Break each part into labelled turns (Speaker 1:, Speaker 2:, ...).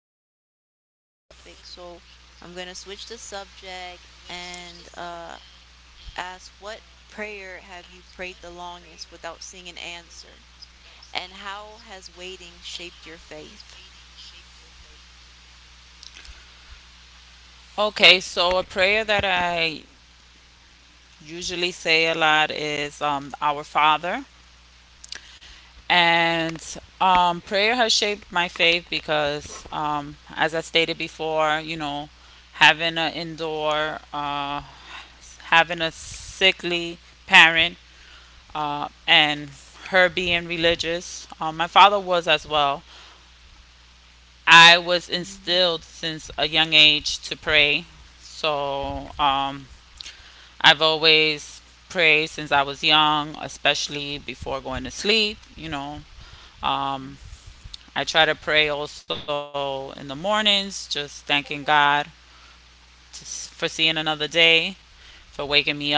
Speaker 1: was an emotional topic, so I'm gonna switch the subject and ask what prayer have you prayed the longest without seeing an answer? And how has waiting shaped your faith?
Speaker 2: Okay, so a prayer that I usually say a lot is Our Father. And prayer has shaped my faith because, as I stated before, you know, having an indoor, having a sickly parent, and her being religious, my father was as well. I was
Speaker 1: Mhm.
Speaker 2: instilled since a young age to pray. So, I've always prayed since I was young, especially before going to sleep, you know. Um, I try to pray also in the mornings, just thanking God for seeing another day, for waking me up.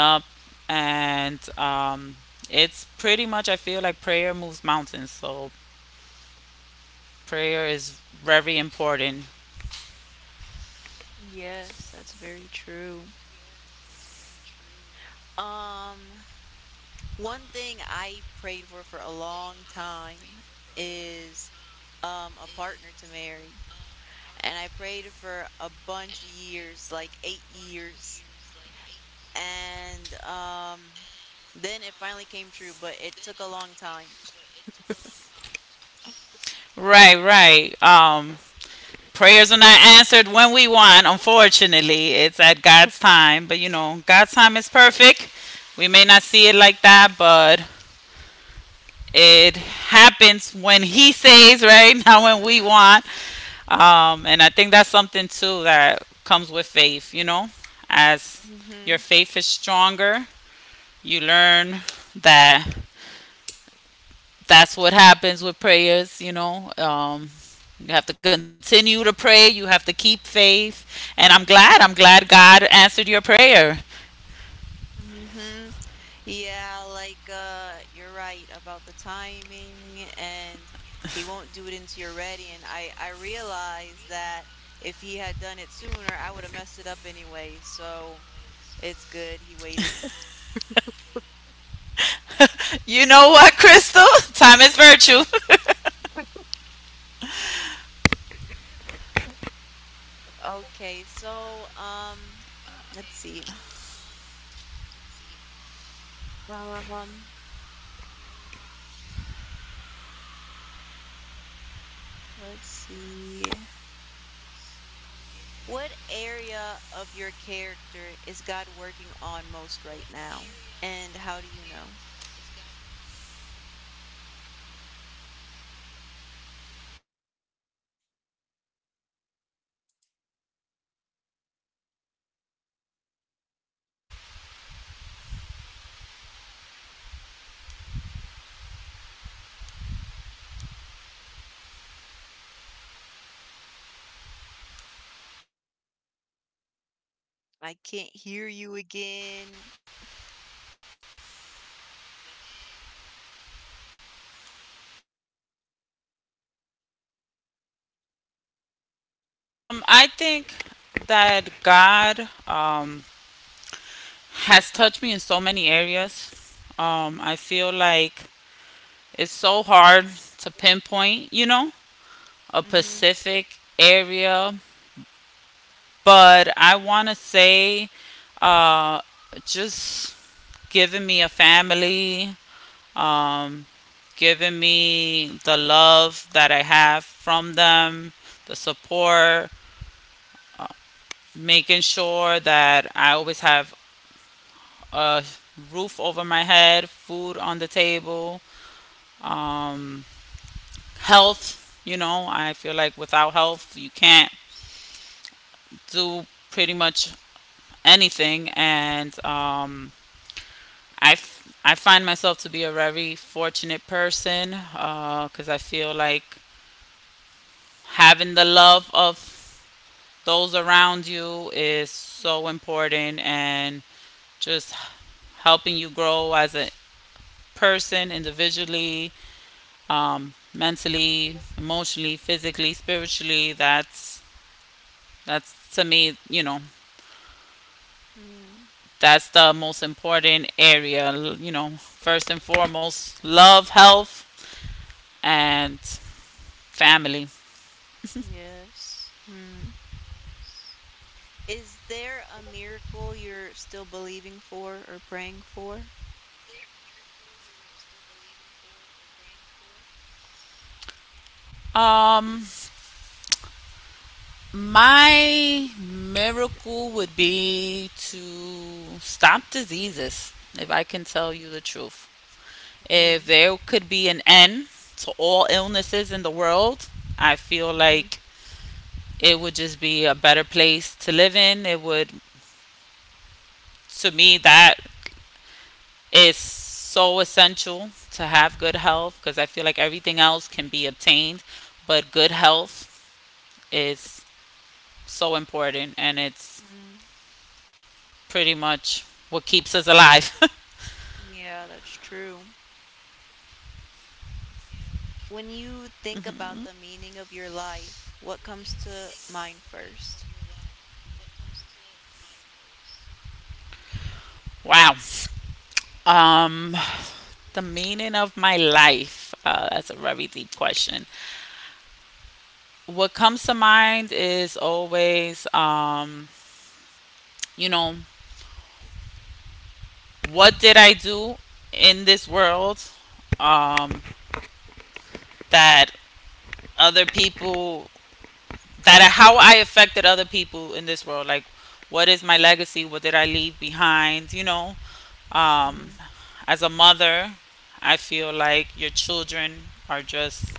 Speaker 2: And it's pretty much, I feel like prayer moves mountains. So prayer is very important.
Speaker 1: Yes, that's very true. Um, One thing I prayed for a long time is, a partner to marry, and I prayed for a bunch of years, like 8 years, and, then it finally came true, but it took a long time.
Speaker 2: Right, right. Prayers are not answered when we want, unfortunately. It's at God's time. But you know, God's time is perfect. We may not see it like that, but it happens when He says, right? Not when we want. And I think that's something too that comes with faith, you know? As your
Speaker 1: Mhm,
Speaker 2: faith is stronger, you learn that that's what happens with prayers, you know. You have to continue to pray. You have to keep faith. And I'm glad. I'm glad God answered your prayer.
Speaker 1: mhm. Yeah, like you're right about the timing, and he won't do it until you're ready, and I realize that if he had done it sooner, I would have messed it up anyway. So it's good he waited.
Speaker 2: You know what, Crystal? Time is virtue.
Speaker 1: Okay, so let's see. Um let's see. What area of your character is God working on most right now? And how do you know? I can't hear you again.
Speaker 2: I think that God um, has touched me in so many areas. I feel like it's so hard to pinpoint, you know, a specific
Speaker 1: Mhm,
Speaker 2: area, but I want to say uh, just giving me a family, um, giving me the love that I have from them, the support, making sure that I always have a roof over my head, food on the table, um, health. You know, I feel like without health, you can't do pretty much anything. And I find myself to be a very fortunate person because I feel like having the love of those around you is so important and just helping you grow as a person individually, mentally, emotionally, physically, spiritually. That's to me, you know,
Speaker 1: mhm,
Speaker 2: that's the most important area. You know, first and foremost, love, health, and family.
Speaker 1: yes. Hmm. Is there a miracle you're still believing for or praying for?
Speaker 2: Um, my miracle would be to stop diseases, if I can tell you the truth. If
Speaker 1: Mm,
Speaker 2: there could be an end to all illnesses in the world, I feel
Speaker 1: mhm,
Speaker 2: like it would just be a better place to live in. It would, to me, that is so essential to have good health because I feel like everything else can be obtained, but good health is so important and it's
Speaker 1: mm.
Speaker 2: pretty much what keeps us alive.
Speaker 1: Yeah, that's true. When you think about the meaning of your life, what comes to mind first?
Speaker 2: Wow. Um, the meaning of my life. That's a very deep question. What comes to mind is always, you know, what did I do in this world um, that other people that how I affected other people in this world. Like, what is my legacy? What did I leave behind? You know, um,
Speaker 1: Mhm,
Speaker 2: as a mother, I feel like your children are just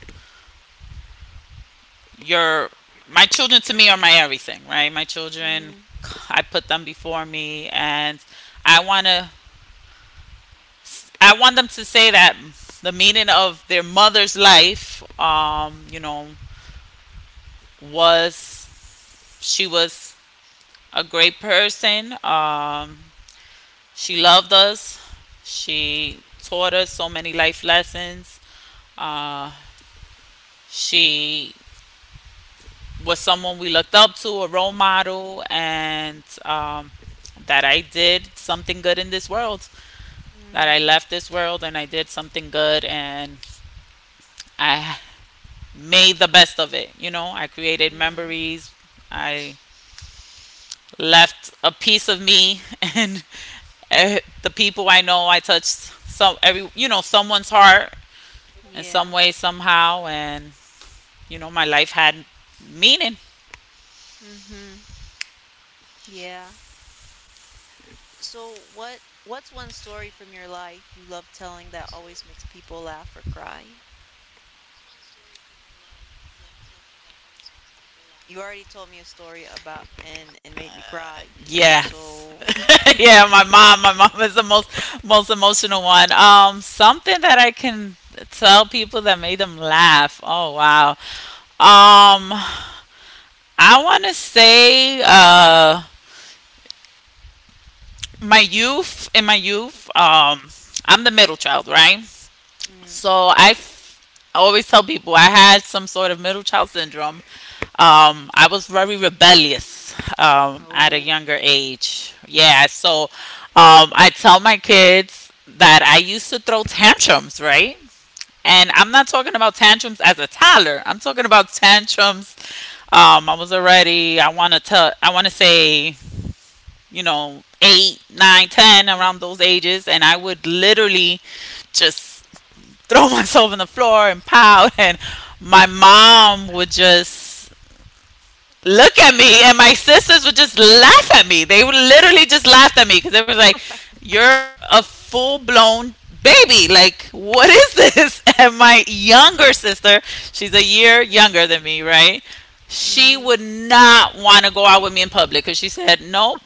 Speaker 2: your. My children to me are my everything, right? My children,
Speaker 1: mm,
Speaker 2: I put them before me, and I wanna, I want them to say that the meaning of their mother's life, you know, was she was a great person. She loved us. She taught us so many life lessons. Uh, she was someone we looked up to, a role model, and that I did something good in this world. That I
Speaker 1: mm,
Speaker 2: left this world and I did something good and I made the best of it. You know, I created
Speaker 1: mm.
Speaker 2: memories. I left a piece of me and the people, I know I touched some every you know someone's heart in
Speaker 1: Yeah,
Speaker 2: some way, somehow, and you know, my life had meaning.
Speaker 1: mhm, yeah. So what's one story from your life you love telling that always makes people laugh or cry? You already told me a story about and made me cry.
Speaker 2: Yeah.
Speaker 1: So
Speaker 2: Yeah, my mom. My mom is the most emotional one. Something that I can tell people that made them laugh. Oh wow. Um, I want to say my youth. In my youth, I'm the middle child, right?
Speaker 1: Mm.
Speaker 2: So I f- I always tell people I had some sort of middle child syndrome. I was very rebellious at a
Speaker 1: Oh.
Speaker 2: younger age. Yeah, so I tell my kids that I used to throw tantrums, right? And
Speaker 1: Mm.
Speaker 2: I'm not talking about tantrums as a toddler. I'm talking about tantrums. I was already I want to say, you know, eight, nine, ten around
Speaker 1: Mm.
Speaker 2: those ages, and I would literally just throw myself on the floor and pout. And my mom would just look at me, and my sisters would just laugh at me. They would literally just laugh at me because they were like, "You're a full blown." Baby, like, what is this? And my younger sister, she's a year younger than me, right? She
Speaker 1: Mm-hmm.
Speaker 2: would not want to go out with me in public because she said, nope,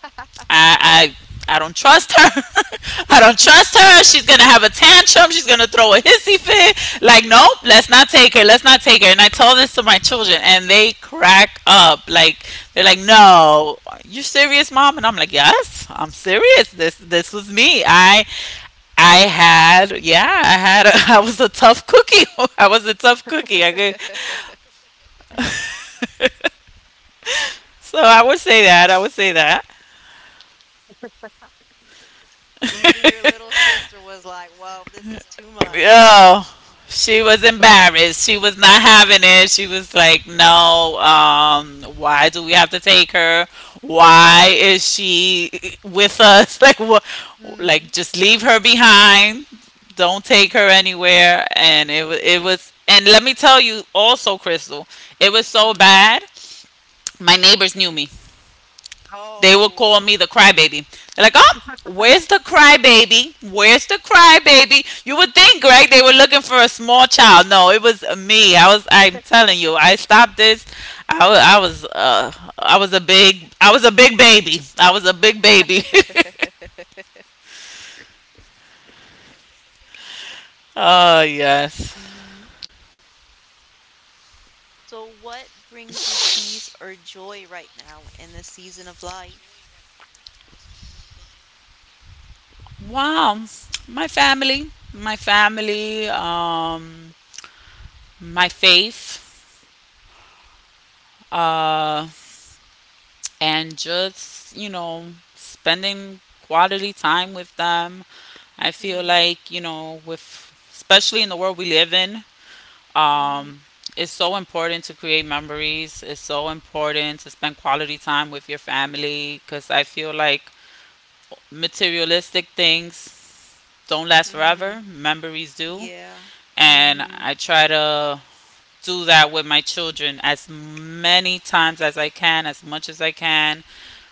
Speaker 2: I don't trust her. I don't trust her. She's gonna have a tantrum. She's gonna throw a hissy fit. Like, nope, let's not take her. Let's not take her. And I tell this to my children, and they crack up. Like, they're like, "No, you're serious, mom." And I'm like, "Yes, I'm serious. This was me. I had, yeah, I had, a, I was a tough cookie. I was a tough cookie. I could, so I would say that. I would say that.
Speaker 1: Even your little sister was like, "Whoa, this is too much."
Speaker 2: Oh, she was embarrassed. She was not having it. She was like, "No, why do we have to take her? Why is she with us? Like, what? Like,
Speaker 1: Mm.
Speaker 2: just leave her behind. Don't take her anywhere." It was. And let me tell you, also, Crystal, it was so
Speaker 1: Mm.
Speaker 2: bad. My neighbors knew me. They would call
Speaker 1: Oh.
Speaker 2: me the crybaby. They're like, oh, where's the crybaby? Where's the crybaby? You would think, Greg, they were looking for a small child. No, it was me. I was. I'm telling you, I stopped this. I was. I was. I was a big baby. I was a big baby. Oh yes.
Speaker 1: Mm. So what brings you peace or joy right now in this season of life?
Speaker 2: Wow. My family. My family. My faith. Uh. And just, you know, spending quality time with them. I feel
Speaker 1: Mm.
Speaker 2: like, you know, with, especially in the world we live in,
Speaker 1: Mm-hmm.
Speaker 2: um, it's so important to create memories. It's so important to spend quality time with your family because I feel like materialistic things don't last
Speaker 1: Mm-hmm.
Speaker 2: forever, memories do.
Speaker 1: Yeah.
Speaker 2: And
Speaker 1: Mm-hmm.
Speaker 2: I try to do that with my children as many times as I can, as much as I can.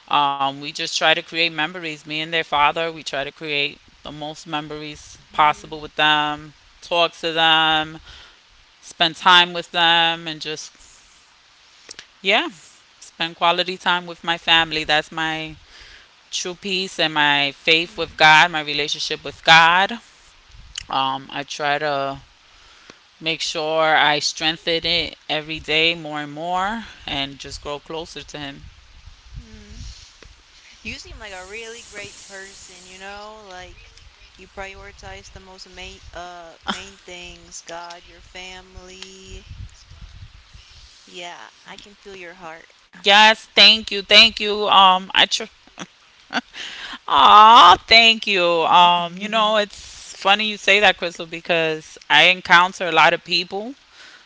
Speaker 2: We just try to create memories. Me and their father, we try to create the most memories
Speaker 1: Mm-hmm.
Speaker 2: possible with them, talk to them, spend time with them, and just, yeah, spend quality time with my family. That's my true peace and my faith with God, my relationship with God. I try to make sure I strengthen it every day more and more and just grow closer to him.
Speaker 1: Mm-hmm. You seem like a really great person, you know, like you prioritize the most main things, God, your family. Yeah, I can feel your heart.
Speaker 2: Yes, thank you, thank you. Aw, thank you. You know, it's funny you say that, Crystal, because I encounter a lot of people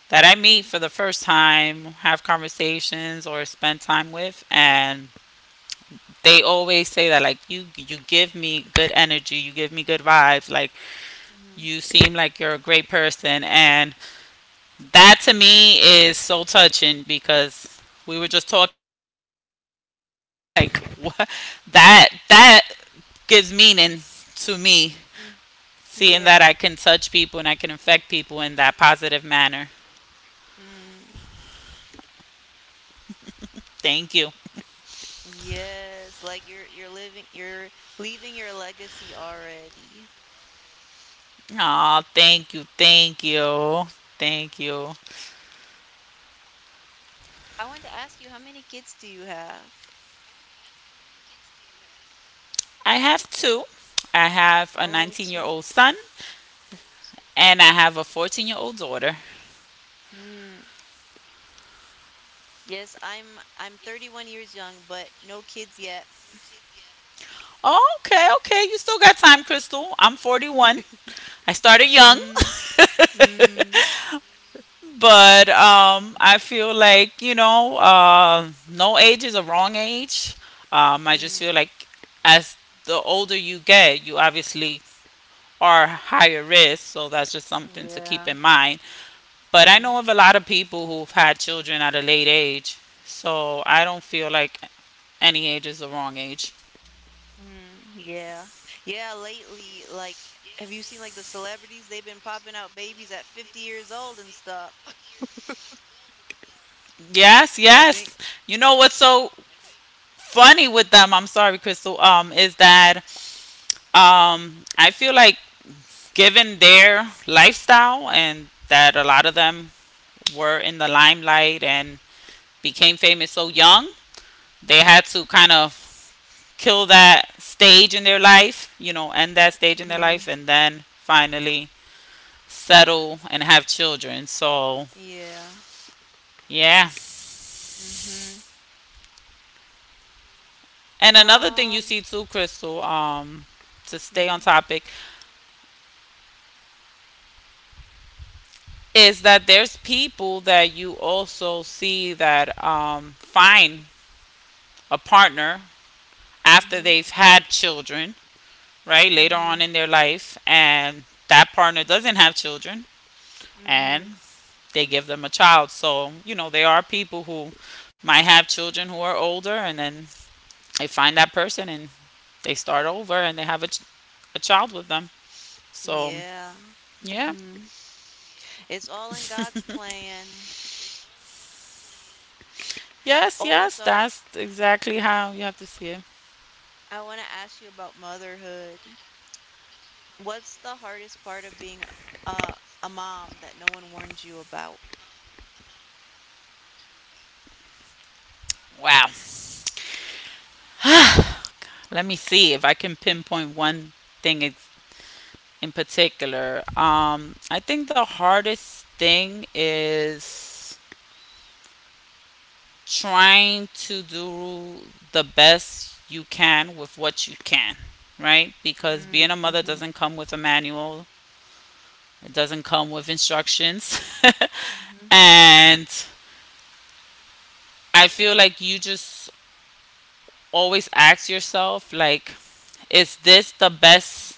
Speaker 2: that I meet
Speaker 1: Mm,
Speaker 2: for the first time, have conversations or spend time with, and they always say that like you give me good energy, you give me good vibes, like
Speaker 1: mhm,
Speaker 2: you seem like you're a great person and that to me is so touching because we were just talking about right meaningful like what that gives meaning to me,
Speaker 1: mm,
Speaker 2: seeing that
Speaker 1: yeah.
Speaker 2: I can touch people and I can affect people in that positive manner.
Speaker 1: Mm,
Speaker 2: Thank you.
Speaker 1: yes, like you're leaving your legacy already.
Speaker 2: Oh, thank you, thank you, thank you.
Speaker 1: I wanted to ask you, how many kids do you have?
Speaker 2: I have two. I have a
Speaker 1: Oh,
Speaker 2: 19-year-old year
Speaker 1: two.
Speaker 2: old son and I have a 14-year-old year old daughter.
Speaker 1: Mm. Yes, I'm 31 years young, but no kids yet.
Speaker 2: Oh, okay, okay, you still got time, Crystal. I'm 41. I started young.
Speaker 1: Mm, mm.
Speaker 2: But I feel like, you know, no age is a wrong age. I just
Speaker 1: Mm,
Speaker 2: feel like as the older you get, you obviously are higher risk. So that's just something to keep
Speaker 1: yeah.
Speaker 2: in mind. But I know
Speaker 1: Mm,
Speaker 2: of a lot of people who've had children at a late age. So I don't feel like any age is the wrong age.
Speaker 1: mm, yeah. Yeah, lately, like, have you seen like the celebrities? They've been popping out babies at 50 years old and stuff.
Speaker 2: Yes,
Speaker 1: I think.
Speaker 2: yes. You know what's so funny with them? I'm sorry, Crystal. Is that I feel like given their lifestyle and that a lot of them were in the limelight and became famous so young, they had to kind of kill that stage in their life, you know, end that stage in their life
Speaker 1: Hmm.
Speaker 2: and then finally settle and have children. So,
Speaker 1: Yeah.
Speaker 2: yeah.
Speaker 1: Mm-hmm.
Speaker 2: And another thing you
Speaker 1: Um.
Speaker 2: see too, Crystal, to stay on
Speaker 1: Mm,
Speaker 2: topic is that there's people that you also see that find a partner after
Speaker 1: mm-hmm.
Speaker 2: they've had children, right? Later
Speaker 1: Mm-hmm.
Speaker 2: on in their life, and that partner doesn't have children
Speaker 1: Mm-hmm.
Speaker 2: and they give them a child. So, you know, there are people who might have children who are older and then they find that person and they start over and they have a child with them. So,
Speaker 1: Yeah.
Speaker 2: yeah.
Speaker 1: Mm-hmm. It's all in God's plan.
Speaker 2: Yes,
Speaker 1: Oh,
Speaker 2: yes,
Speaker 1: so
Speaker 2: that's exactly how you have to see it.
Speaker 1: I want to ask you about motherhood. What's the hardest part of being a a mom that no one warned you about?
Speaker 2: Wow. Let me see if I can pinpoint one thing in particular. I think the hardest thing is trying to do the best you can with what you can, right? Because
Speaker 1: Mm,
Speaker 2: being a mother
Speaker 1: mhm,
Speaker 2: doesn't come with a manual, it doesn't come with instructions.
Speaker 1: mhm,
Speaker 2: And I feel like you just always ask yourself, like, is this the best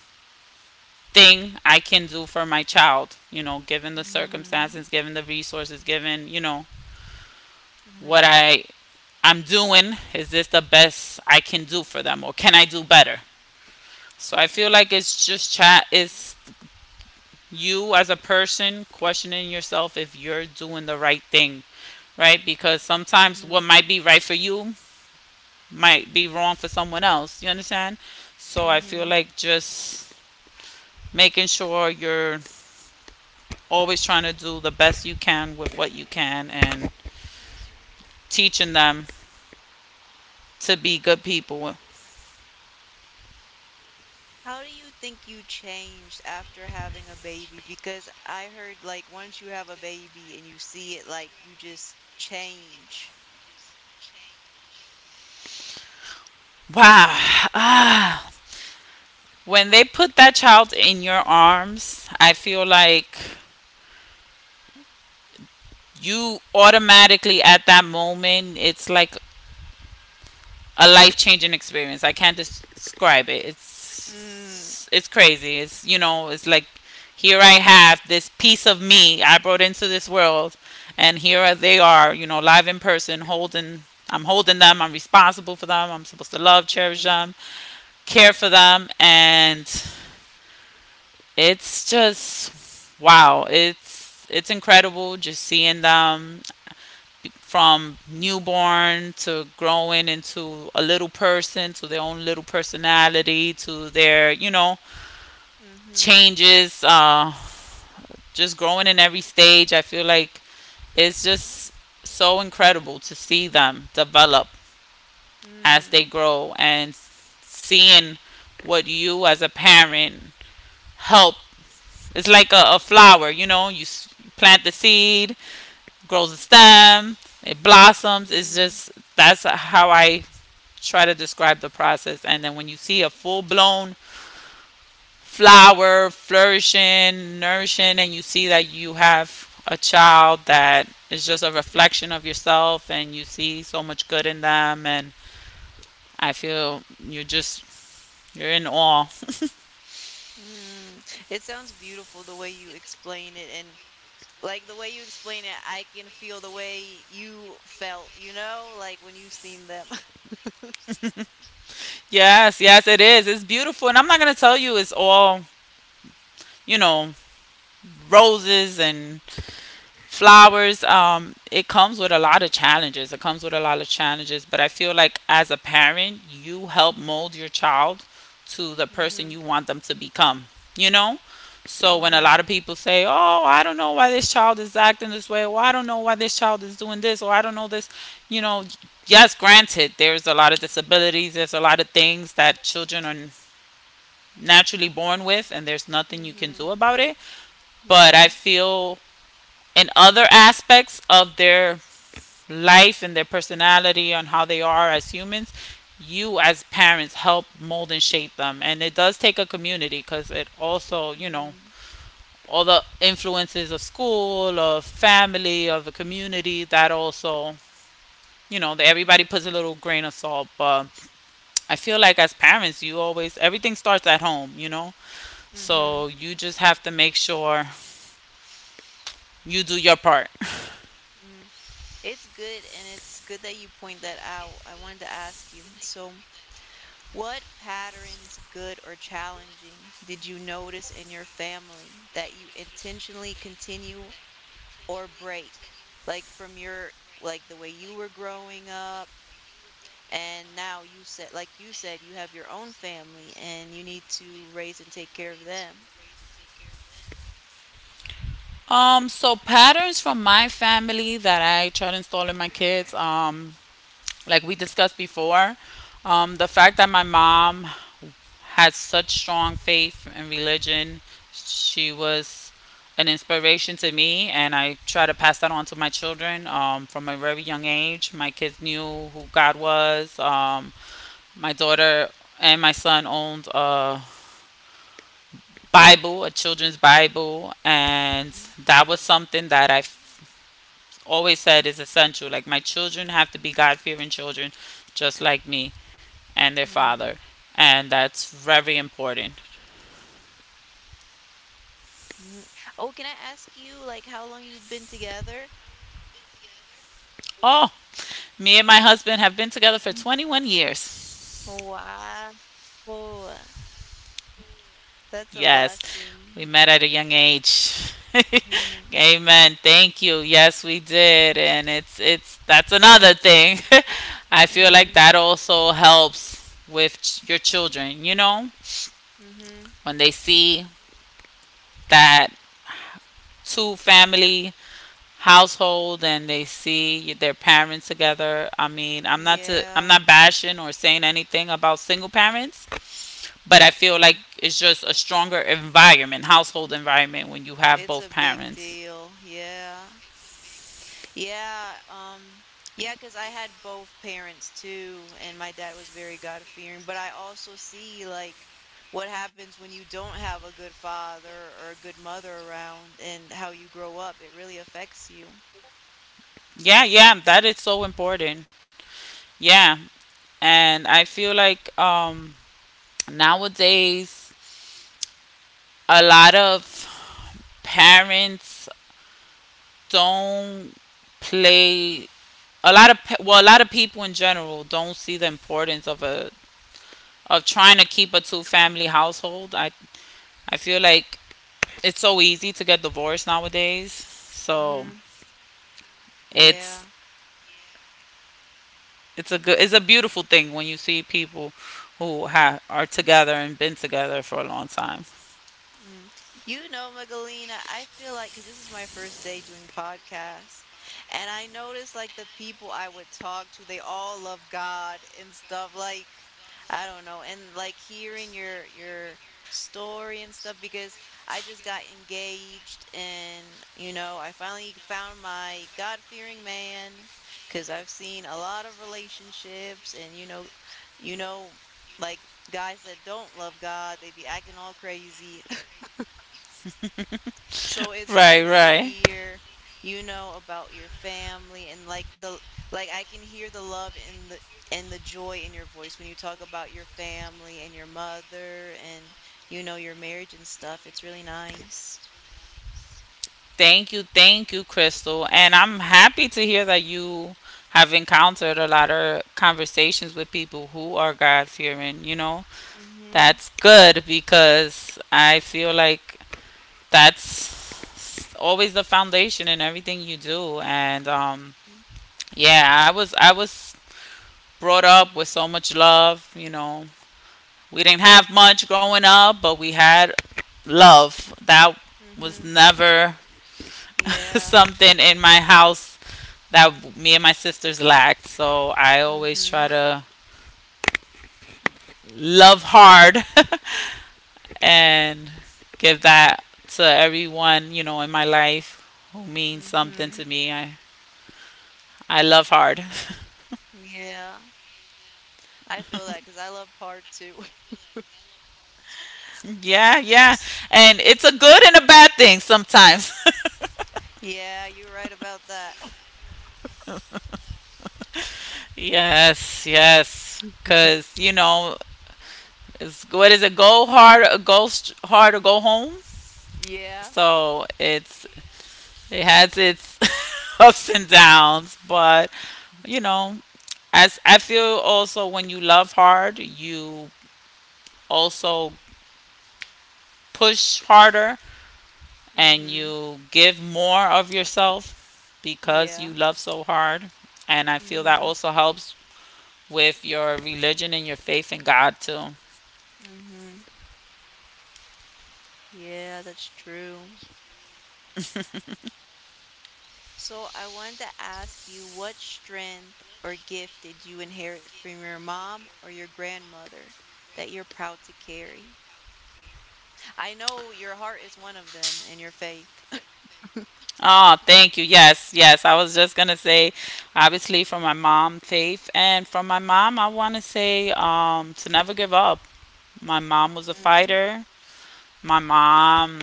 Speaker 2: thing I can do for my child? You know, given the
Speaker 1: mhm,
Speaker 2: circumstances, given the resources, given, you know, what
Speaker 1: mhm,
Speaker 2: I I'm doing, is this the best I can do for them, or can I do better? So I feel like it's just chat is you as a person questioning yourself if you're doing the right thing, right? Because sometimes what
Speaker 1: mhm,
Speaker 2: might be right for you might be wrong for someone else. You understand? So I feel
Speaker 1: mhm.
Speaker 2: like just making sure you're always trying to do the best you can with what you can and teaching them to be good people.
Speaker 1: How do you think you changed after having a baby? Because I heard, like, once you have a baby and you see it, like, you just change.
Speaker 2: Wow. Ah, when they put that child in your arms, I feel like you automatically at that moment, it's like a life changing experience. I can't describe it.
Speaker 1: Mm,
Speaker 2: It's crazy. It's, you know, it's like here I have this piece of me I brought into this world, and here they are, you know, live in person, holding. I'm holding them. I'm responsible for them. I'm supposed to love, cherish
Speaker 1: mm,
Speaker 2: them, care for them, and it's just wow, it's incredible just seeing them from newborn to growing into a little person to their own little personality to their, you know,
Speaker 1: mhm,
Speaker 2: changes, just growing in every stage. I feel like it's just so incredible to see them develop as they
Speaker 1: mm,
Speaker 2: grow and seeing what you as a parent help. It's like a flower, you know, you plant the seed, grows a stem, it blossoms. It's
Speaker 1: mm,
Speaker 2: just, that's how I try to describe the process. And then when you see a full blown flower flourishing, nourishing, and you see that you have a child that is just a reflection of yourself and you see so much good in them, and I feel you're just you're in awe.
Speaker 1: mm. It sounds beautiful the way you explain it, and like the way you explain it, I can feel the way you felt, you know, like when you seen them.
Speaker 2: Yes, yes it is. It's beautiful, and I'm not gonna tell you it's all, you know, roses and flowers. It comes with a lot of challenges, it comes with a lot of challenges, but I feel like as a parent you help mold your child to the person
Speaker 1: Mm-hmm.
Speaker 2: you want them to become, you know. So when a
Speaker 1: Mm-hmm.
Speaker 2: lot of people say, oh, I don't know why this child is acting this way, or I don't know why this child is doing this, or I don't know this, you know, yes, granted, there's a lot of disabilities, there's a lot of things that children are naturally born with and there's nothing you can
Speaker 1: Mm-hmm.
Speaker 2: do about it. But I
Speaker 1: Yeah.
Speaker 2: feel, and other aspects of their life and their personality and how they are as humans, you as parents help mold and shape them. And it does take a community, because it also, you know,
Speaker 1: Mm.
Speaker 2: all the influences of school, of family, of the community that also, you know, everybody puts a little grain of salt, but I feel like as parents, you always, everything starts at home, you know.
Speaker 1: Mhm.
Speaker 2: So you just have to make sure you do your part.
Speaker 1: Mm. It's good, and it's good that you point that out. I wanted to ask you. So, what patterns, good or challenging, did you notice in your family that you intentionally continue or break? Like from your like the way you were growing up, and now you said, like you said, you have your own family and you need to raise and take care of them.
Speaker 2: So patterns from my family that I try to install in my kids, like we discussed before, the fact that my mom had such strong faith in religion, she was an inspiration to me, and I try to pass that on to my children, from a very young age. My kids knew who God was. My daughter and my son owned a Bible, a children's Bible, and that was something that I always said is essential. Like my children have to be God fearing children, just like me and their
Speaker 1: Mm-hmm.
Speaker 2: father, and that's very important.
Speaker 1: Mm. Oh, can I ask you, like, how long you've been together?
Speaker 2: Oh, me and my husband have been together for
Speaker 1: Mm.
Speaker 2: 21 years.
Speaker 1: Wow. That's a
Speaker 2: Yes,
Speaker 1: blessing.
Speaker 2: we met at a young age.
Speaker 1: Mm.
Speaker 2: Amen. Thank you. Yes, we did, and it's that's another thing. I feel like that
Speaker 1: Mm.
Speaker 2: also helps with your children. You know,
Speaker 1: Mm-hmm.
Speaker 2: when they see that two family household and they see their parents together. I mean, I'm
Speaker 1: Yeah.
Speaker 2: not bashing or saying anything about single parents, but I feel like
Speaker 1: Mm.
Speaker 2: it's just a stronger environment, household environment, when you have
Speaker 1: It's a
Speaker 2: both
Speaker 1: big
Speaker 2: parents.
Speaker 1: deal. Yeah. Yeah. Yeah, because I had both parents too, and my dad was very God-fearing, but I also see, like, what happens when you don't have a good father or a good mother around and how you grow up. It really affects you.
Speaker 2: Yeah, yeah, that is so important. Yeah. And I feel like nowadays a lot of parents don't play, a lot of well, a lot of people in general don't see the importance of a, of trying to keep a two family household. I feel like it's so easy to get divorced nowadays. So
Speaker 1: Hmm. Yeah.
Speaker 2: it's it's a good, it's a beautiful thing when you see people who are together and been together for a long time.
Speaker 1: Mm. You know, Magdalena, I feel like because this is my first day doing podcasts, and I noticed, like, the people I would talk to, they all love God and stuff. Like, I don't know, and like hearing your story and stuff, because I just got engaged, and you know, I finally found my God-fearing man, because I've seen a lot of relationships, and you know, like guys that don't love God, they be acting all crazy. So it's
Speaker 2: Right,
Speaker 1: nice to
Speaker 2: right.
Speaker 1: hear, you know, about your family and like the I can hear the love and the joy in your voice when you talk about your family and your mother and you know your marriage and stuff. It's really nice.
Speaker 2: Thank you, Crystal. And I'm happy to hear that you have encountered a lot of conversations with people who are God fearing, you know?
Speaker 1: Mhm.
Speaker 2: That's good, because I feel like that's always the foundation in everything you do, and yeah, I was brought up with so much love, you know. We didn't have much growing up, but we had love that was
Speaker 1: Mhm.
Speaker 2: never
Speaker 1: Yeah.
Speaker 2: something in my house that me and my sisters lacked. So I always try
Speaker 1: Mhm.
Speaker 2: to love hard and give that to everyone, you know, in my life who means something
Speaker 1: Mhm.
Speaker 2: to me. I love hard.
Speaker 1: Yeah. I feel that, because I love hard too.
Speaker 2: Yeah, yeah.
Speaker 1: S-
Speaker 2: And it's a good and a bad thing sometimes.
Speaker 1: Yeah, you're right about that.
Speaker 2: Yes, yes. Because, you know, it's, what is it? Go hard, or hard or go home.
Speaker 1: Yeah.
Speaker 2: So it's, it has its ups and downs, but, you know, as I feel also when you love hard, you also push harder and
Speaker 1: Mhm.
Speaker 2: you give more of yourself because you
Speaker 1: Yeah.
Speaker 2: love so hard. And I feel that
Speaker 1: Mhm.
Speaker 2: also helps with your religion and your faith in God too.
Speaker 1: Mhm. Yeah, that's true. So I wanted to ask you, what strength or gift did you inherit from your mom or your grandmother that you're proud to carry? I know your heart is one of them, and your faith.
Speaker 2: Oh, thank you. Yes, yes. I was just gonna say, obviously, from my mom, faith, and from my mom, I want to say, to never give up. My mom was a
Speaker 1: Mm,
Speaker 2: fighter. My mom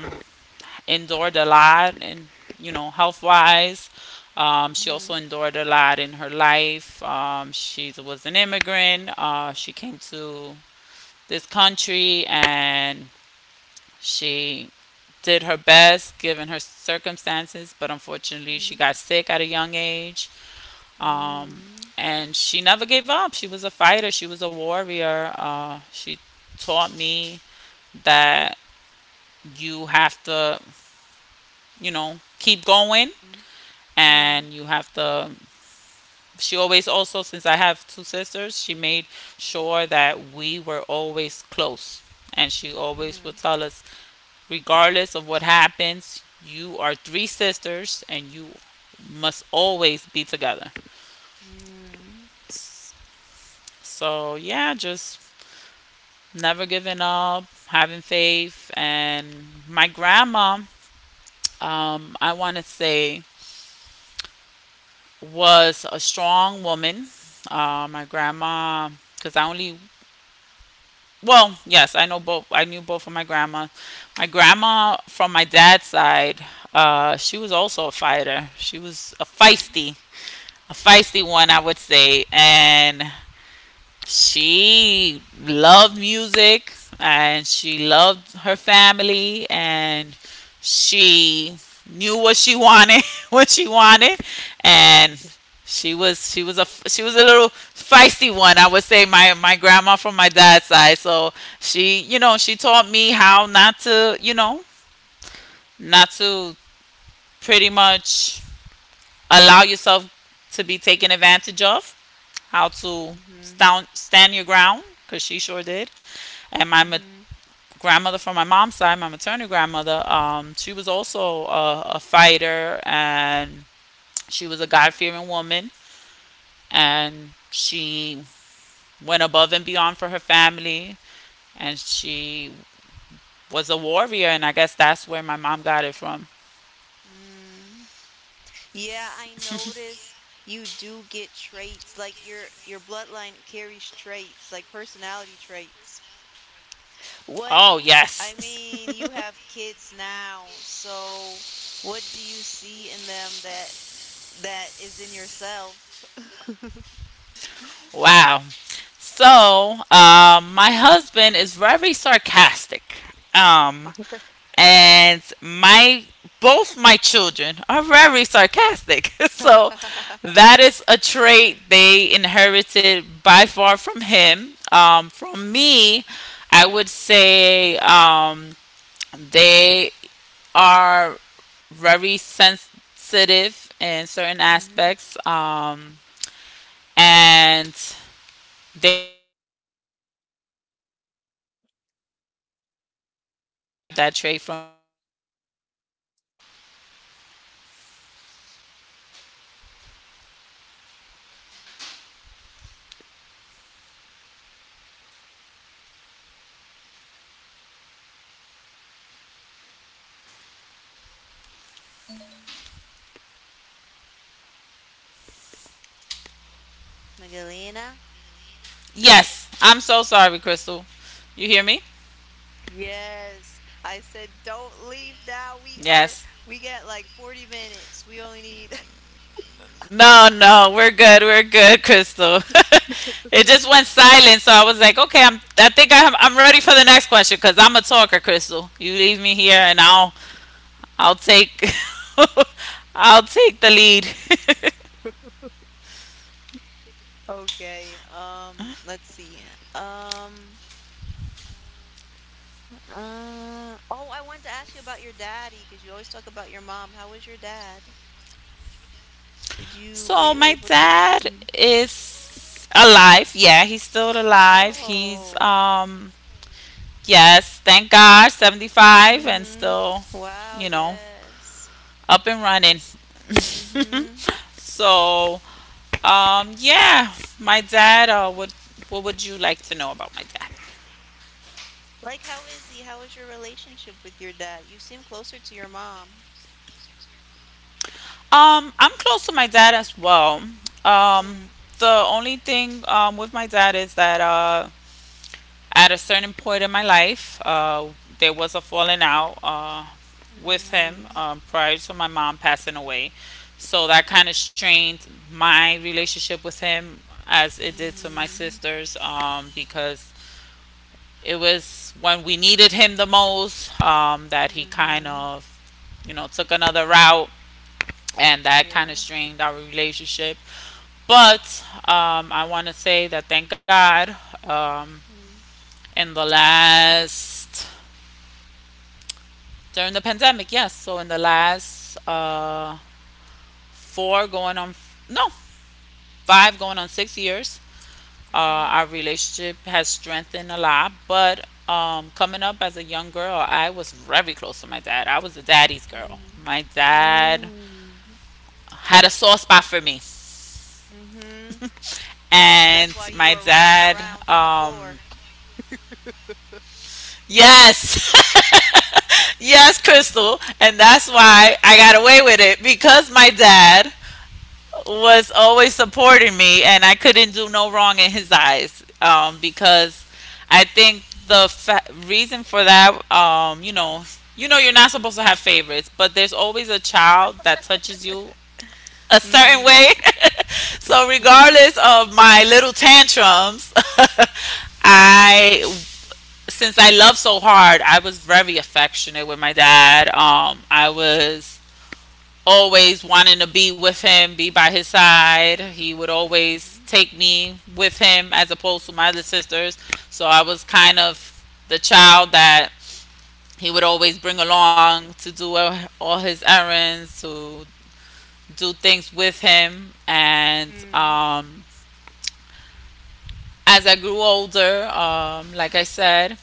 Speaker 2: endured a lot, and, you know, health wise. She also
Speaker 1: mhm,
Speaker 2: endured a lot in her life. She was an immigrant. She came to this country and she did her best given her circumstances, but unfortunately, she
Speaker 1: mhm,
Speaker 2: got sick at a young age. Um,
Speaker 1: mhm,
Speaker 2: and she never gave up. She was a fighter, she was a warrior. She taught me that you have to, you know, keep going,
Speaker 1: mhm,
Speaker 2: and you have to, she always also, since I have two sisters, she made sure that we were always close, and she always would
Speaker 1: mhm,
Speaker 2: tell us, regardless of what happens, you are three sisters, and you must always be together.
Speaker 1: mhm,
Speaker 2: So yeah, just never giving up, having faith, and my grandma, I want to say, was a strong woman. My grandma, because I only, well, yes, I know both. I knew both of my grandma. My grandma from my dad's side, she was also a fighter. She was
Speaker 1: mhm,
Speaker 2: a feisty one, I would say, and she loved music and she loved her family and she knew what she wanted what she wanted, and she was a little feisty one, I would say, my grandma from my dad's side. So she, you know, she taught me how not to, you know, not to, pretty much, allow yourself to be taken advantage of, how to
Speaker 1: mhm, mhm,
Speaker 2: stand your ground, because she sure did. And
Speaker 1: mhm.
Speaker 2: grandmother from my mom's side, my maternal grandmother, she was also a fighter, and she was a God fearing woman, and she went above and beyond for her family, and she was a warrior, and I guess that's where my mom got it from.
Speaker 1: Mhm. Yeah, I notice you do get traits, like your bloodline carries traits, like personality traits. What
Speaker 2: Oh
Speaker 1: I
Speaker 2: yes,
Speaker 1: mean, you have kids now, so what do you see in them that is in yourself?
Speaker 2: wow. So my husband is very sarcastic. Um, and my, both my children are very sarcastic. So that is a trait they inherited by far from him. From me, I would say, they are very sensitive in certain
Speaker 1: Mm-hmm.
Speaker 2: aspects, and they love their family. They truly, truly love their family. So they have that trait from me.
Speaker 1: Magdalena?
Speaker 2: Yes. I'm so sorry, Crystal. You hear me?
Speaker 1: Yes. I said don't leave now. We are
Speaker 2: Yes.
Speaker 1: we got like 40 minutes. We only need
Speaker 2: No, no, we're good. We're good, Crystal. It just went silent, so I was like, okay, I think I'm ready for the next question, because I'm a talker, Crystal. You leave me here, and I'll take. I'll take the lead.
Speaker 1: Okay. Let's see. Um oh, I wanted to ask you about your daddy because you always talk about your mom. How was your dad? Did you were
Speaker 2: So
Speaker 1: you
Speaker 2: my
Speaker 1: able to?
Speaker 2: dad
Speaker 1: Mm,
Speaker 2: is alive. Yeah, he's still alive. He's
Speaker 1: oh,
Speaker 2: um. Yes, thank God, 75 and
Speaker 1: mm-hmm.
Speaker 2: still,
Speaker 1: Wow,
Speaker 2: you know,
Speaker 1: yes.
Speaker 2: up and running.
Speaker 1: Mm-hmm.
Speaker 2: so, um, yeah, my dad. What would you like to know about my dad?
Speaker 1: Like, how is he? How is your relationship with your dad? You seem closer to your mom.
Speaker 2: I'm close to my dad as well. Um,
Speaker 1: Mm,
Speaker 2: the only thing with my dad is that at a certain point in my life, there was a falling out with him,
Speaker 1: mm,
Speaker 2: prior to my mom passing away. So that kind of strained my relationship with him as it did to my
Speaker 1: mm,
Speaker 2: sisters, because it was when we needed him the most, that he kind
Speaker 1: mm-hmm.
Speaker 2: of, you know, took another route, and that
Speaker 1: Yeah.
Speaker 2: kind of strained our relationship. But I want to say that thank God, um,
Speaker 1: Mm,
Speaker 2: in the last during the pandemic, yes. So in the last four going on, no, 5 going on 6 years,
Speaker 1: mm-hmm.
Speaker 2: our relationship has strengthened a lot, but coming up as a young girl, I was very close to my dad. I was a daddy's girl.
Speaker 1: Mm,
Speaker 2: My dad
Speaker 1: mm,
Speaker 2: had a soft spot for me,
Speaker 1: mm-hmm. That's
Speaker 2: and
Speaker 1: why you
Speaker 2: my
Speaker 1: were rolling
Speaker 2: dad,
Speaker 1: around on the floor.
Speaker 2: yes, yes, Crystal, and that's why I got away with it because my dad was always supporting me, and I couldn't do no wrong in his eyes. Because I think reason for that, you know, you're not supposed to have favorites, but there's always a child that touches you a certain
Speaker 1: Mm.
Speaker 2: way. So regardless of my little tantrums, I since I love so hard, I was very affectionate with my dad. I was always wanting to be with him, be by his side. He would always take me with him as opposed to my other sisters. So I was kind of the child that he would always bring along to do his errands, to do things with him. And
Speaker 1: Mm,
Speaker 2: um, as I grew older, like I said,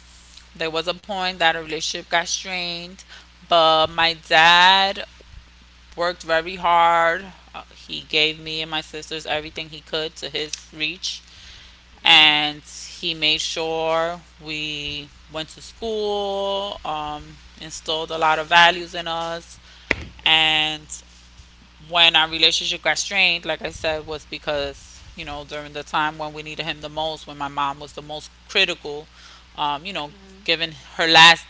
Speaker 2: there was a point that a relationship got strained. But my dad worked very hard. He gave me and my sisters everything he could to his reach.
Speaker 1: mm,
Speaker 2: And he made sure we went to school, instilled a lot of values in us. And when our relationship got strained, like I said, was because, you know, during the time when we needed him the most, when my mom was the most critical, you know,
Speaker 1: mm,
Speaker 2: given her last,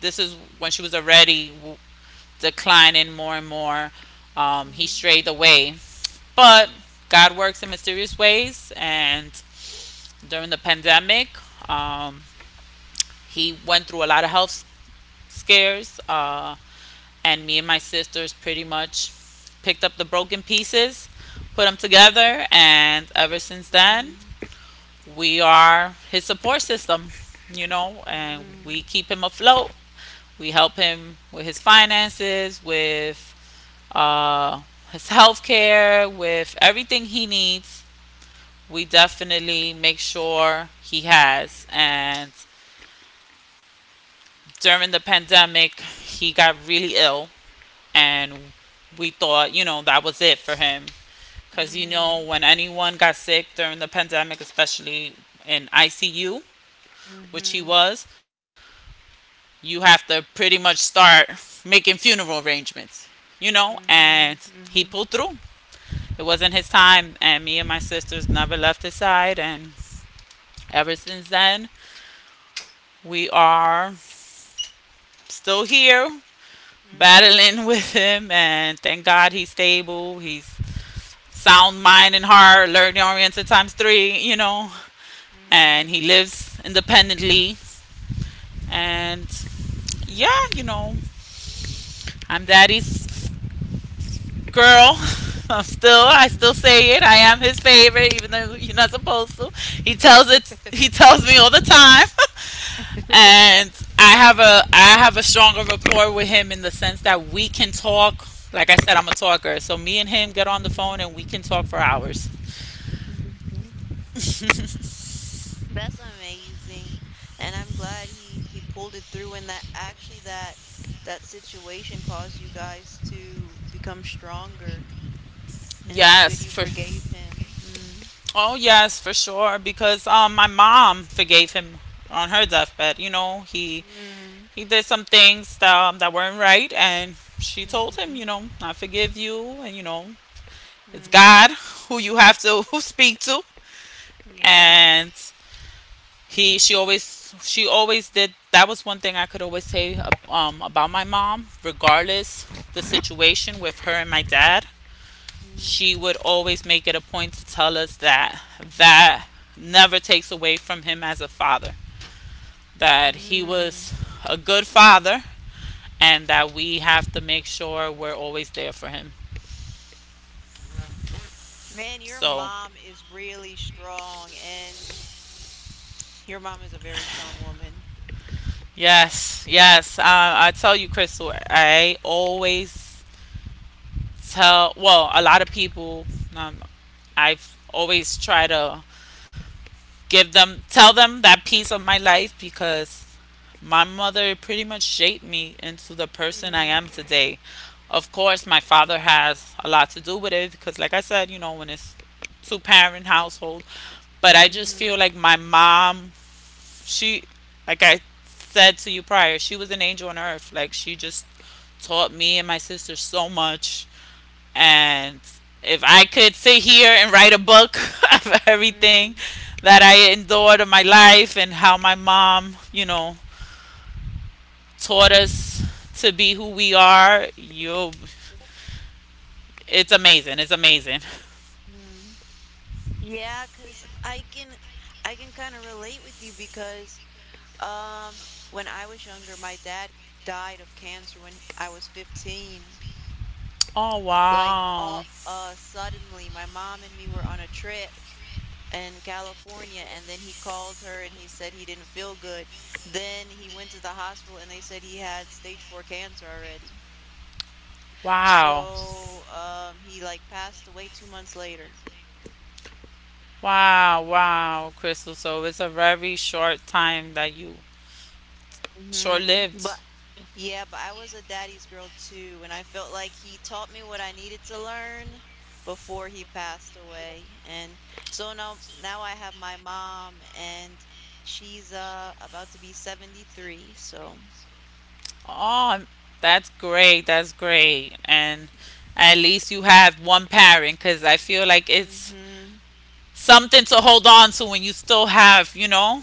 Speaker 2: this is when she was already declining more and more. He
Speaker 1: mm,
Speaker 2: strayed away. But God works in mysterious ways. And during the pandemic, um, he went through a lot of health scares. And me and my sisters pretty much picked up the broken pieces, put them together. And ever since then,
Speaker 1: mm,
Speaker 2: we are his support system, you know, and we
Speaker 1: mm,
Speaker 2: keep him afloat. We help him with his finances, with uh, his health care, with everything he needs, we definitely make sure he has. And during the pandemic, he got really ill, and we thought, you know, that was it for him. Because, you know, when anyone got sick during the pandemic, especially in ICU,
Speaker 1: mm,
Speaker 2: which he
Speaker 1: mhm,
Speaker 2: was, you have to pretty much start making funeral arrangements, you know, and
Speaker 1: mhm,
Speaker 2: he pulled
Speaker 1: mhm,
Speaker 2: through. It wasn't his time, and me and my sisters never left his side. And ever since then, we are still here
Speaker 1: mhm,
Speaker 2: battling with him. And thank God he's stable. He's sound mind and heart, learning oriented times three, you know. And he lives independently. And yeah, you know, I'm daddy's girl.
Speaker 1: mm,
Speaker 2: I still
Speaker 1: mhm.
Speaker 2: say it. I am his favorite, even though you're not supposed to. He tells it. He tells me all the time. And I have a stronger rapport with him in the sense that we can talk. Like I said, I'm a talker, so me and him get on the phone
Speaker 1: Mhm,
Speaker 2: and we can talk for hours.
Speaker 1: mhm. That's amazing. And I'm glad he pulled it through, and that actually that situation caused you guys to become stronger, and it's good
Speaker 2: yes,
Speaker 1: you
Speaker 2: for
Speaker 1: forgave him. Mm.
Speaker 2: oh yes, for sure. Because my mom forgave him on her deathbed. You know,
Speaker 1: Mm.
Speaker 2: he did some things that, that weren't right, and she told him,
Speaker 1: Mhm.
Speaker 2: you know, I forgive you, and you know, it's
Speaker 1: Mm.
Speaker 2: God who you have to who speak to,
Speaker 1: Yeah.
Speaker 2: and he she always did. That was one thing I could always say, about my mom, regardless the situation with her and my dad.
Speaker 1: Mm,
Speaker 2: She would always make it a point to tell us that that never takes away from him as a father, that he
Speaker 1: mm.
Speaker 2: was a good father, and that we have to make sure we're always there for him.
Speaker 1: Man, your
Speaker 2: So
Speaker 1: mom is really strong, and your mom is a very strong woman.
Speaker 2: yes, yes, I tell you, Crystal, I always tell, a lot of people, um, I've always tried to give them tell them that piece of my life, because my mother pretty much shaped me into the person I
Speaker 1: Mm,
Speaker 2: am today. Of course my father has a lot to do with it because, like I said, you know, when it's two parent household, but I just
Speaker 1: mhm,
Speaker 2: feel like my mom, she like I said to you prior, she was an angel on earth. Like, she just taught me and my sister so much. And if I could sit here and write a book of everything
Speaker 1: mm,
Speaker 2: that I endured in my life and how my mom, you know, taught us to be who we are, you it's amazing. It's amazing.
Speaker 1: mm. Yeah, 'cause I can kind of relate with you because um when I was younger, my dad died of cancer when I was 15.
Speaker 2: Oh
Speaker 1: Like
Speaker 2: wow.
Speaker 1: all suddenly my mom and me were on a trip in California, and then he called her and he said he didn't feel good. Then he went to the hospital and they said he had stage four cancer already.
Speaker 2: Wow.
Speaker 1: So he like passed away 2 months later.
Speaker 2: Wow, wow, Crystal. So it's a very short time that you short
Speaker 1: Hmm.
Speaker 2: lived.
Speaker 1: But yeah, but I was a daddy's girl too, and I felt like he taught me what I needed to learn before he passed away. And so now I have my mom, and she's about to be 73, so
Speaker 2: Oh, I'm- that's great. That's great. And at least you have one parent, cuz I feel like it's
Speaker 1: hmm
Speaker 2: something to hold on to when you still have, you know,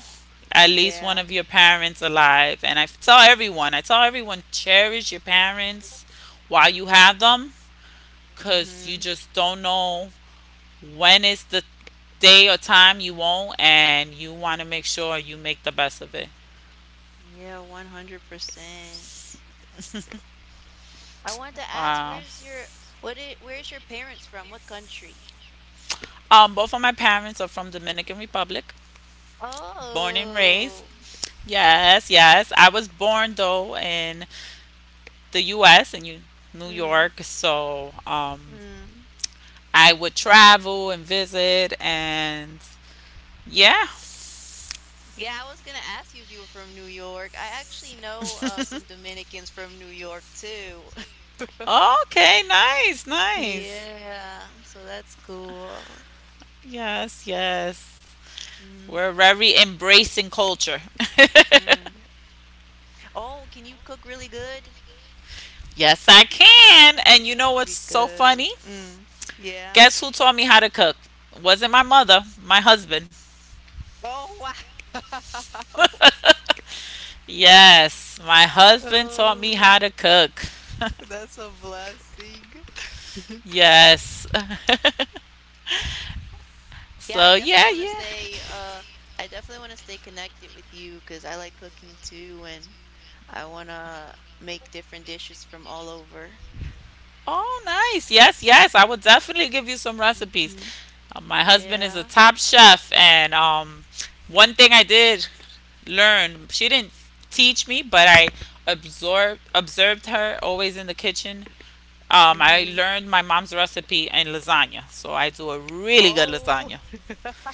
Speaker 2: at least one
Speaker 1: yeah.
Speaker 2: of your parents alive. And I tell everyone, cherish your parents while you have them, because you
Speaker 1: Mhm.
Speaker 2: just don't know when is the day or time you won't, and you want to make sure you make the best of it.
Speaker 1: Yeah, 100%. I wanted to ask,
Speaker 2: Wow.
Speaker 1: where's your parents from? What country?
Speaker 2: Both of my parents are from Dominican Republic, born and raised.
Speaker 1: Oh.
Speaker 2: Yes, yes. I was born though in the U.S. in New
Speaker 1: Mm.
Speaker 2: York, so
Speaker 1: Mm.
Speaker 2: I would travel and visit and yeah.
Speaker 1: Yeah, I was gonna ask you if you were from New York. I actually know some Dominicans from New York too.
Speaker 2: Okay, nice, nice.
Speaker 1: Yeah, so that's cool.
Speaker 2: Yes, yes.
Speaker 1: Mm.
Speaker 2: We're very embracing culture.
Speaker 1: Mm. Oh, can you cook really good?
Speaker 2: Yes, I can. And you know what's so
Speaker 1: Because
Speaker 2: funny?
Speaker 1: mm. Yeah.
Speaker 2: Guess who taught me how to cook? Wasn't my mother, my husband.
Speaker 1: Oh, wow.
Speaker 2: Yes, my husband taught me
Speaker 1: Oh.
Speaker 2: how to cook.
Speaker 1: That's a blessing.
Speaker 2: Yes.
Speaker 1: Yeah, I
Speaker 2: So,
Speaker 1: definitely
Speaker 2: yeah,
Speaker 1: want to
Speaker 2: yeah.
Speaker 1: stay uh I definitely want to stay connected with you, because I like cooking too and I want to make different dishes from all over.
Speaker 2: Oh, nice. Yes, yes. I will definitely give you some recipes.
Speaker 1: Hmm.
Speaker 2: My husband is a
Speaker 1: Yeah.
Speaker 2: top chef, and one thing I did learn, she didn't teach me, but I absorbed observed her always in the kitchen. I
Speaker 1: Hmm.
Speaker 2: learned my mom's recipe in lasagna, so I do a really good
Speaker 1: Oh,
Speaker 2: lasagna.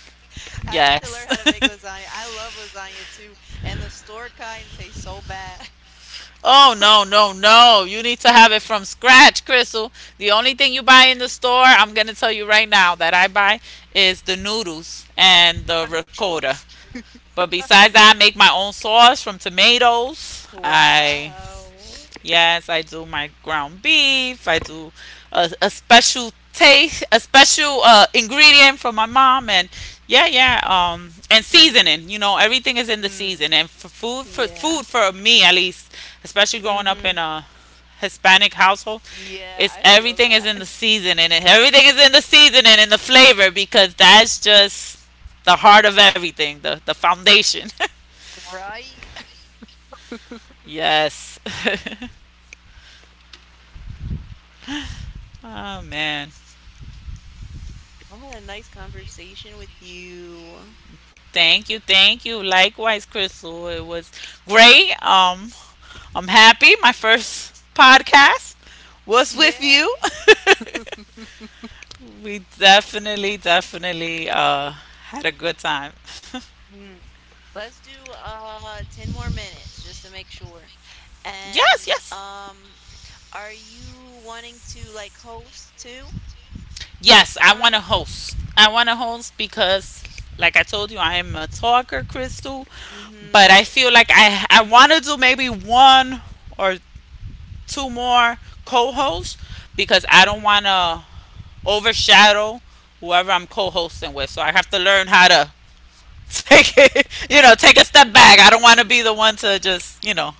Speaker 1: I need to
Speaker 2: Yes.
Speaker 1: learn how to make lasagna. I love lasagna too, and the store kind tastes so bad.
Speaker 2: Oh no no no! You need to have it from scratch, Crystal. The only thing you buy in the store, I'm gonna tell you right now that I buy is the noodles and the
Speaker 1: I've been
Speaker 2: ricotta.
Speaker 1: trying.
Speaker 2: But besides that, I make my own sauce from tomatoes. I
Speaker 1: Wow.
Speaker 2: yes, I do my ground beef. I do a special taste, a special ingredient from my mom, and yeah, yeah. And
Speaker 1: Mm,
Speaker 2: seasoning. You know, everything is in the
Speaker 1: mm,
Speaker 2: season. And for
Speaker 1: yeah.
Speaker 2: food for me at least, especially growing up in
Speaker 1: Hmm.
Speaker 2: a Hispanic household,
Speaker 1: Yeah,
Speaker 2: it's
Speaker 1: I feel
Speaker 2: everything is
Speaker 1: that.
Speaker 2: in the seasoning, and everything is in the seasoning and the flavor, because that's just the heart of everything, the foundation.
Speaker 1: Right.
Speaker 2: Yes. Oh man.
Speaker 1: I had a nice conversation with you.
Speaker 2: Thank you, thank you. Likewise, Crystal. It was great. I'm happy. My first podcast was with
Speaker 1: Yeah.
Speaker 2: you. We definitely, definitely had a good time.
Speaker 1: Mm. Let's do 10 more minutes just to make sure.
Speaker 2: Yes,
Speaker 1: And
Speaker 2: yes.
Speaker 1: are you wanting to like host too
Speaker 2: Yes,
Speaker 1: next
Speaker 2: I want to
Speaker 1: time?
Speaker 2: host. I want to host because like I told you I am a talker, Crystal, but
Speaker 1: Mm-hmm.
Speaker 2: I feel like I want to do maybe one or two more co-hosts because I don't
Speaker 1: Mm-hmm.
Speaker 2: want to overshadow whoever I'm co-hosting with. So I have to learn how to take it, you know, take a step back. I don't want to be the one to just, you know,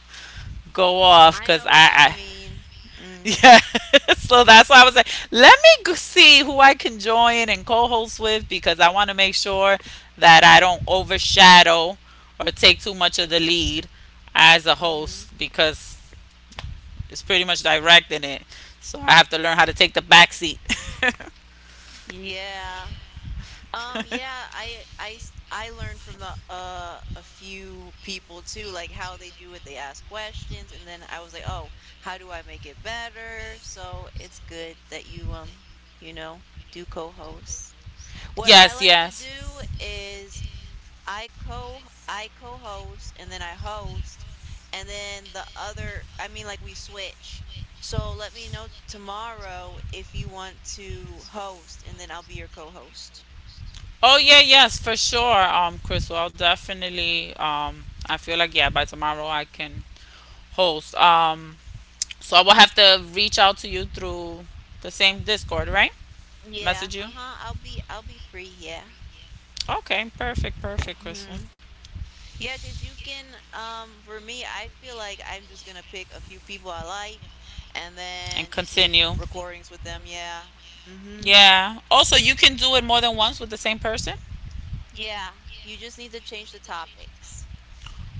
Speaker 2: go off
Speaker 1: I
Speaker 2: because
Speaker 1: know what you mean. Mm-hmm.
Speaker 2: yeah. So that's why I was like, let me see who I can join and co-host with because I want to make sure that I don't overshadow or take too much of the lead as a
Speaker 1: Mm-hmm.
Speaker 2: host because it's pretty much directing it. So I have to learn how to take the back seat.
Speaker 1: Yeah. Yeah, I learned from the a few people too, like how they do it. They ask questions, and then I was like, "Oh, how do I make it better?" So it's good that you you know, do co-host. What I
Speaker 2: Yes,
Speaker 1: like to
Speaker 2: yes.
Speaker 1: do is I co I co-host and then I host, and then the other, I mean, like we switch. So let me know tomorrow if you want to host, and then I'll be your co-host.
Speaker 2: Oh yeah, yes, for sure. Crystal, I'll definitely. I feel like yeah, by tomorrow I can host. So I will have to reach out to you through the same Discord, right?
Speaker 1: Yeah,
Speaker 2: Message you.
Speaker 1: uh-huh. I'll be free, yeah.
Speaker 2: Okay, perfect, perfect, Crystal.
Speaker 1: Hmm. Yeah, 'cause you can for me, I feel like I'm just gonna pick a few people I like and
Speaker 2: And
Speaker 1: then just make
Speaker 2: continue.
Speaker 1: recordings with them, yeah. Hmm.
Speaker 2: Yeah. Also, you can do it more than once with the same person.
Speaker 1: Yeah, you just need to change the topics.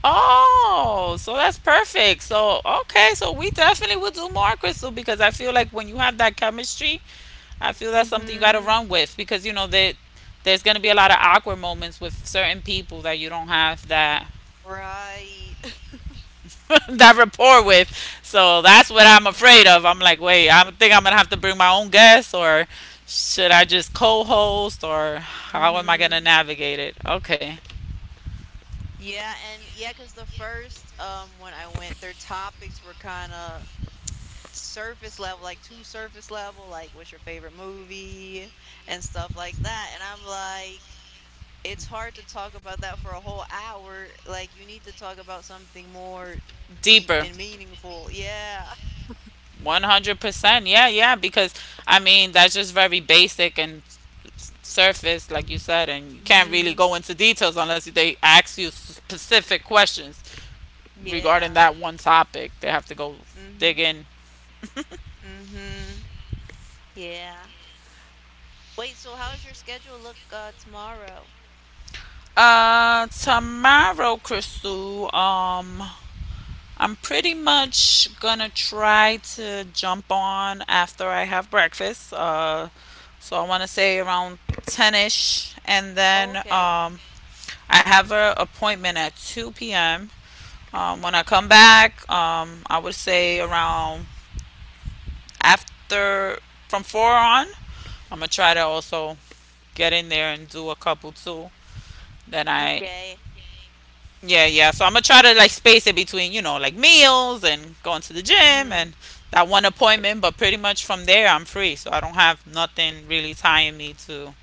Speaker 2: Oh, so that's perfect. So okay, so we definitely will do more, Crystal, because I feel like when you have that chemistry, I feel that's something you got to
Speaker 1: Hmm.
Speaker 2: run with because you know that there's going to be a lot of awkward moments with certain people that you don't have that
Speaker 1: Right.
Speaker 2: that rapport with. So that's what I'm afraid of. I'm like, wait, I think I'm going to have to bring my own guests or should I just co-host or how am I going
Speaker 1: Hmm.
Speaker 2: to navigate it? Okay.
Speaker 1: Yeah, and yeah, cause the first when I went, their topics were kind of surface level, like too surface level, like what's your favorite movie and stuff like that. And I'm like, it's hard to talk about that for a whole hour. Like you need to talk about something more deep
Speaker 2: Deeper.
Speaker 1: and meaningful. Yeah.
Speaker 2: 100%. Yeah, yeah, because I mean, that's just very basic and surface, like you said, and you can't really
Speaker 1: Hmm.
Speaker 2: go into details unless they ask you specific questions regarding
Speaker 1: Yeah.
Speaker 2: that one topic. They have to go
Speaker 1: Hmm.
Speaker 2: dig in.
Speaker 1: Hmm. Yeah. Wait, so how's your schedule look tomorrow?
Speaker 2: Tomorrow, Crystal. I'm pretty much gonna try to jump on after I have breakfast. So I want to say around 10ish, and
Speaker 1: Oh,
Speaker 2: then
Speaker 1: okay.
Speaker 2: I have an appointment at 2 p.m. When I come back, I would say around after from four on. I'm gonna try to also get in there and do a couple too. Then
Speaker 1: Okay.
Speaker 2: yeah, yeah. So I'm gonna try to like space it between, you know, like meals and going to the gym
Speaker 1: Hmm.
Speaker 2: and that one appointment. But pretty much from there, I'm free. So I don't have nothing really tying me to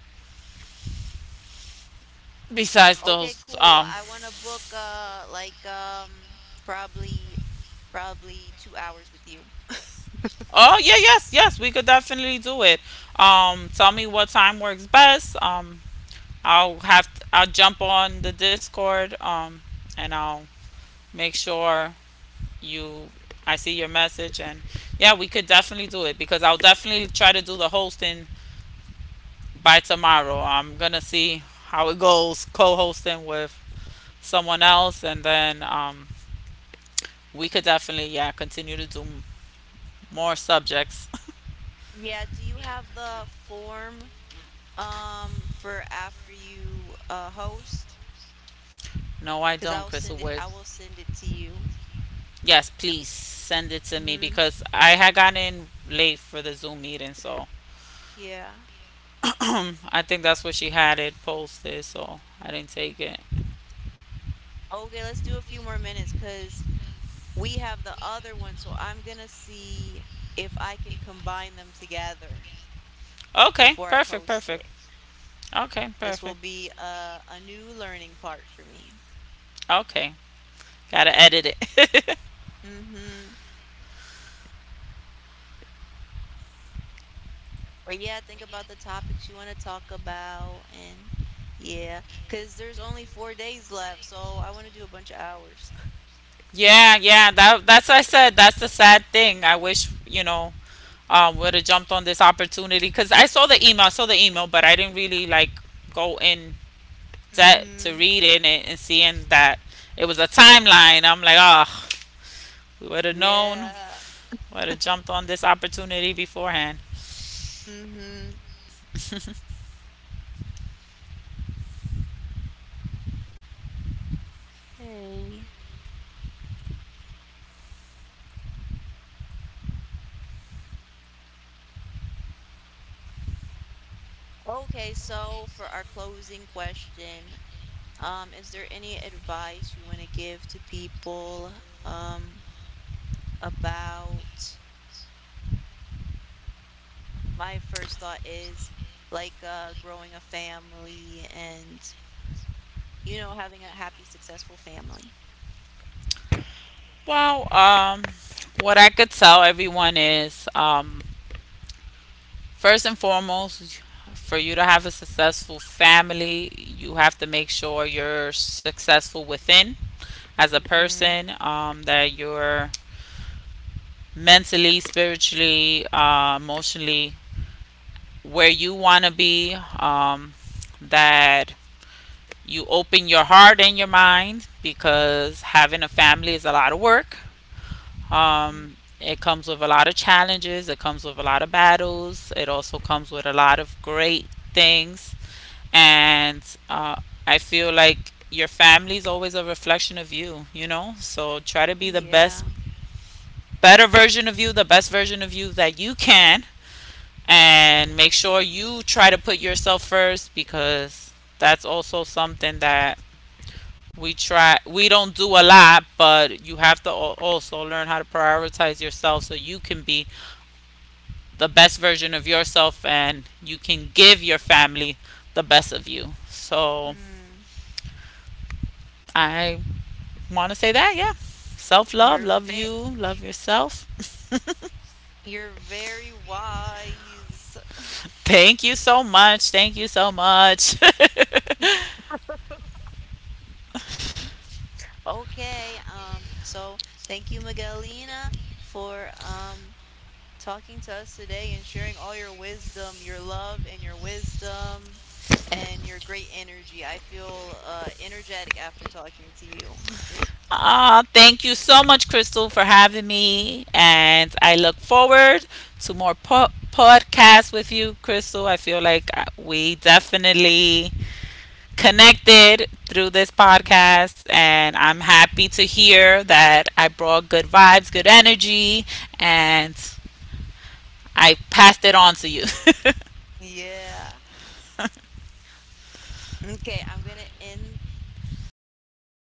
Speaker 2: besides
Speaker 1: Okay,
Speaker 2: those.
Speaker 1: cool. I want to book probably probably 2 hours with you.
Speaker 2: Oh yeah, yes, yes. We could definitely do it. Tell me what time works best. I'll jump on the Discord. And make sure you I see your message and yeah, we could definitely do it because I'll definitely try to do the hosting by tomorrow. I'm gonna see how it goes co-hosting with someone else, and then we could definitely yeah continue to do more subjects.
Speaker 1: Yeah, do you have the form for after you host?
Speaker 2: No, I
Speaker 1: 'Cause
Speaker 2: don't, Crystal. Wait.
Speaker 1: I will send it to you.
Speaker 2: Yes, please send it to me
Speaker 1: Mhm.
Speaker 2: because I had gotten in late for the Zoom meeting, so
Speaker 1: Yeah.
Speaker 2: I think that's where she had it posted. So I didn't take it.
Speaker 1: Okay, let's do a few more minutes, because we have the other one. So I'm gonna see if I can combine them together
Speaker 2: Okay,
Speaker 1: before I
Speaker 2: perfect,
Speaker 1: post
Speaker 2: perfect.
Speaker 1: it.
Speaker 2: Okay,
Speaker 1: This will
Speaker 2: perfect.
Speaker 1: be a new learning part for me.
Speaker 2: Okay, gotta edit it.
Speaker 1: Mm-hmm. But yeah, think about the topics you want to talk about, and yeah, because there's only 4 days left, so I want to do a bunch of hours.
Speaker 2: Yeah, yeah, that's what I said, that's the sad thing. I wish, you know, would have jumped on this opportunity cuz I saw the email, I saw the email, but I didn't really like go in depth to
Speaker 1: Mm-hmm.
Speaker 2: reading it and seeing that it was a timeline. I'm like, "Oh, we would have known,
Speaker 1: Yeah.
Speaker 2: would have jumped on this opportunity beforehand."
Speaker 1: Mm-hmm. Okay. Okay, so for our closing question, is there any advice you want to give to people um about my first thought is like growing a family and you know having a happy successful family.
Speaker 2: Well, what I could tell everyone is first and foremost, for you to have a successful family, you have to make sure you're successful within as a
Speaker 1: Mm,
Speaker 2: person, that you're mentally, spiritually, emotionally where you want to be, that you open your heart and your mind because having a family is a lot of work.
Speaker 1: mhm.
Speaker 2: Um, it comes with a lot of challenges, it comes with a lot of battles, it also comes with a lot of great things and I feel like your family is always a reflection of you, you know? So try to be the best,
Speaker 1: Yeah.
Speaker 2: better version of you, the best version of you that you can, and make sure you try to put yourself first because that's also something that we don't do a lot, but you have to also learn how to prioritize yourself so you can be the best version of yourself and you can give your family the best of you. So
Speaker 1: Mm.
Speaker 2: I want to say that? Yeah. Self love,
Speaker 1: You're
Speaker 2: love
Speaker 1: ve
Speaker 2: you, love yourself.
Speaker 1: you're very wise.
Speaker 2: Thank you so much. Thank you so much.
Speaker 1: Okay, so thank you, Miguelina, for talking to us today and sharing all your wisdom, your love and your wisdom and your great energy. I feel energetic after talking to you.
Speaker 2: Ah, thank you so much, Crystal, for having me. And I look forward to more podcasts with you, Crystal. I feel like we definitely connected through this
Speaker 1: Mhm.
Speaker 2: podcast. And I'm happy to hear that I brought good vibes, good energy, and I passed it on to you.
Speaker 1: Yeah. Okay, I'm going to end the pod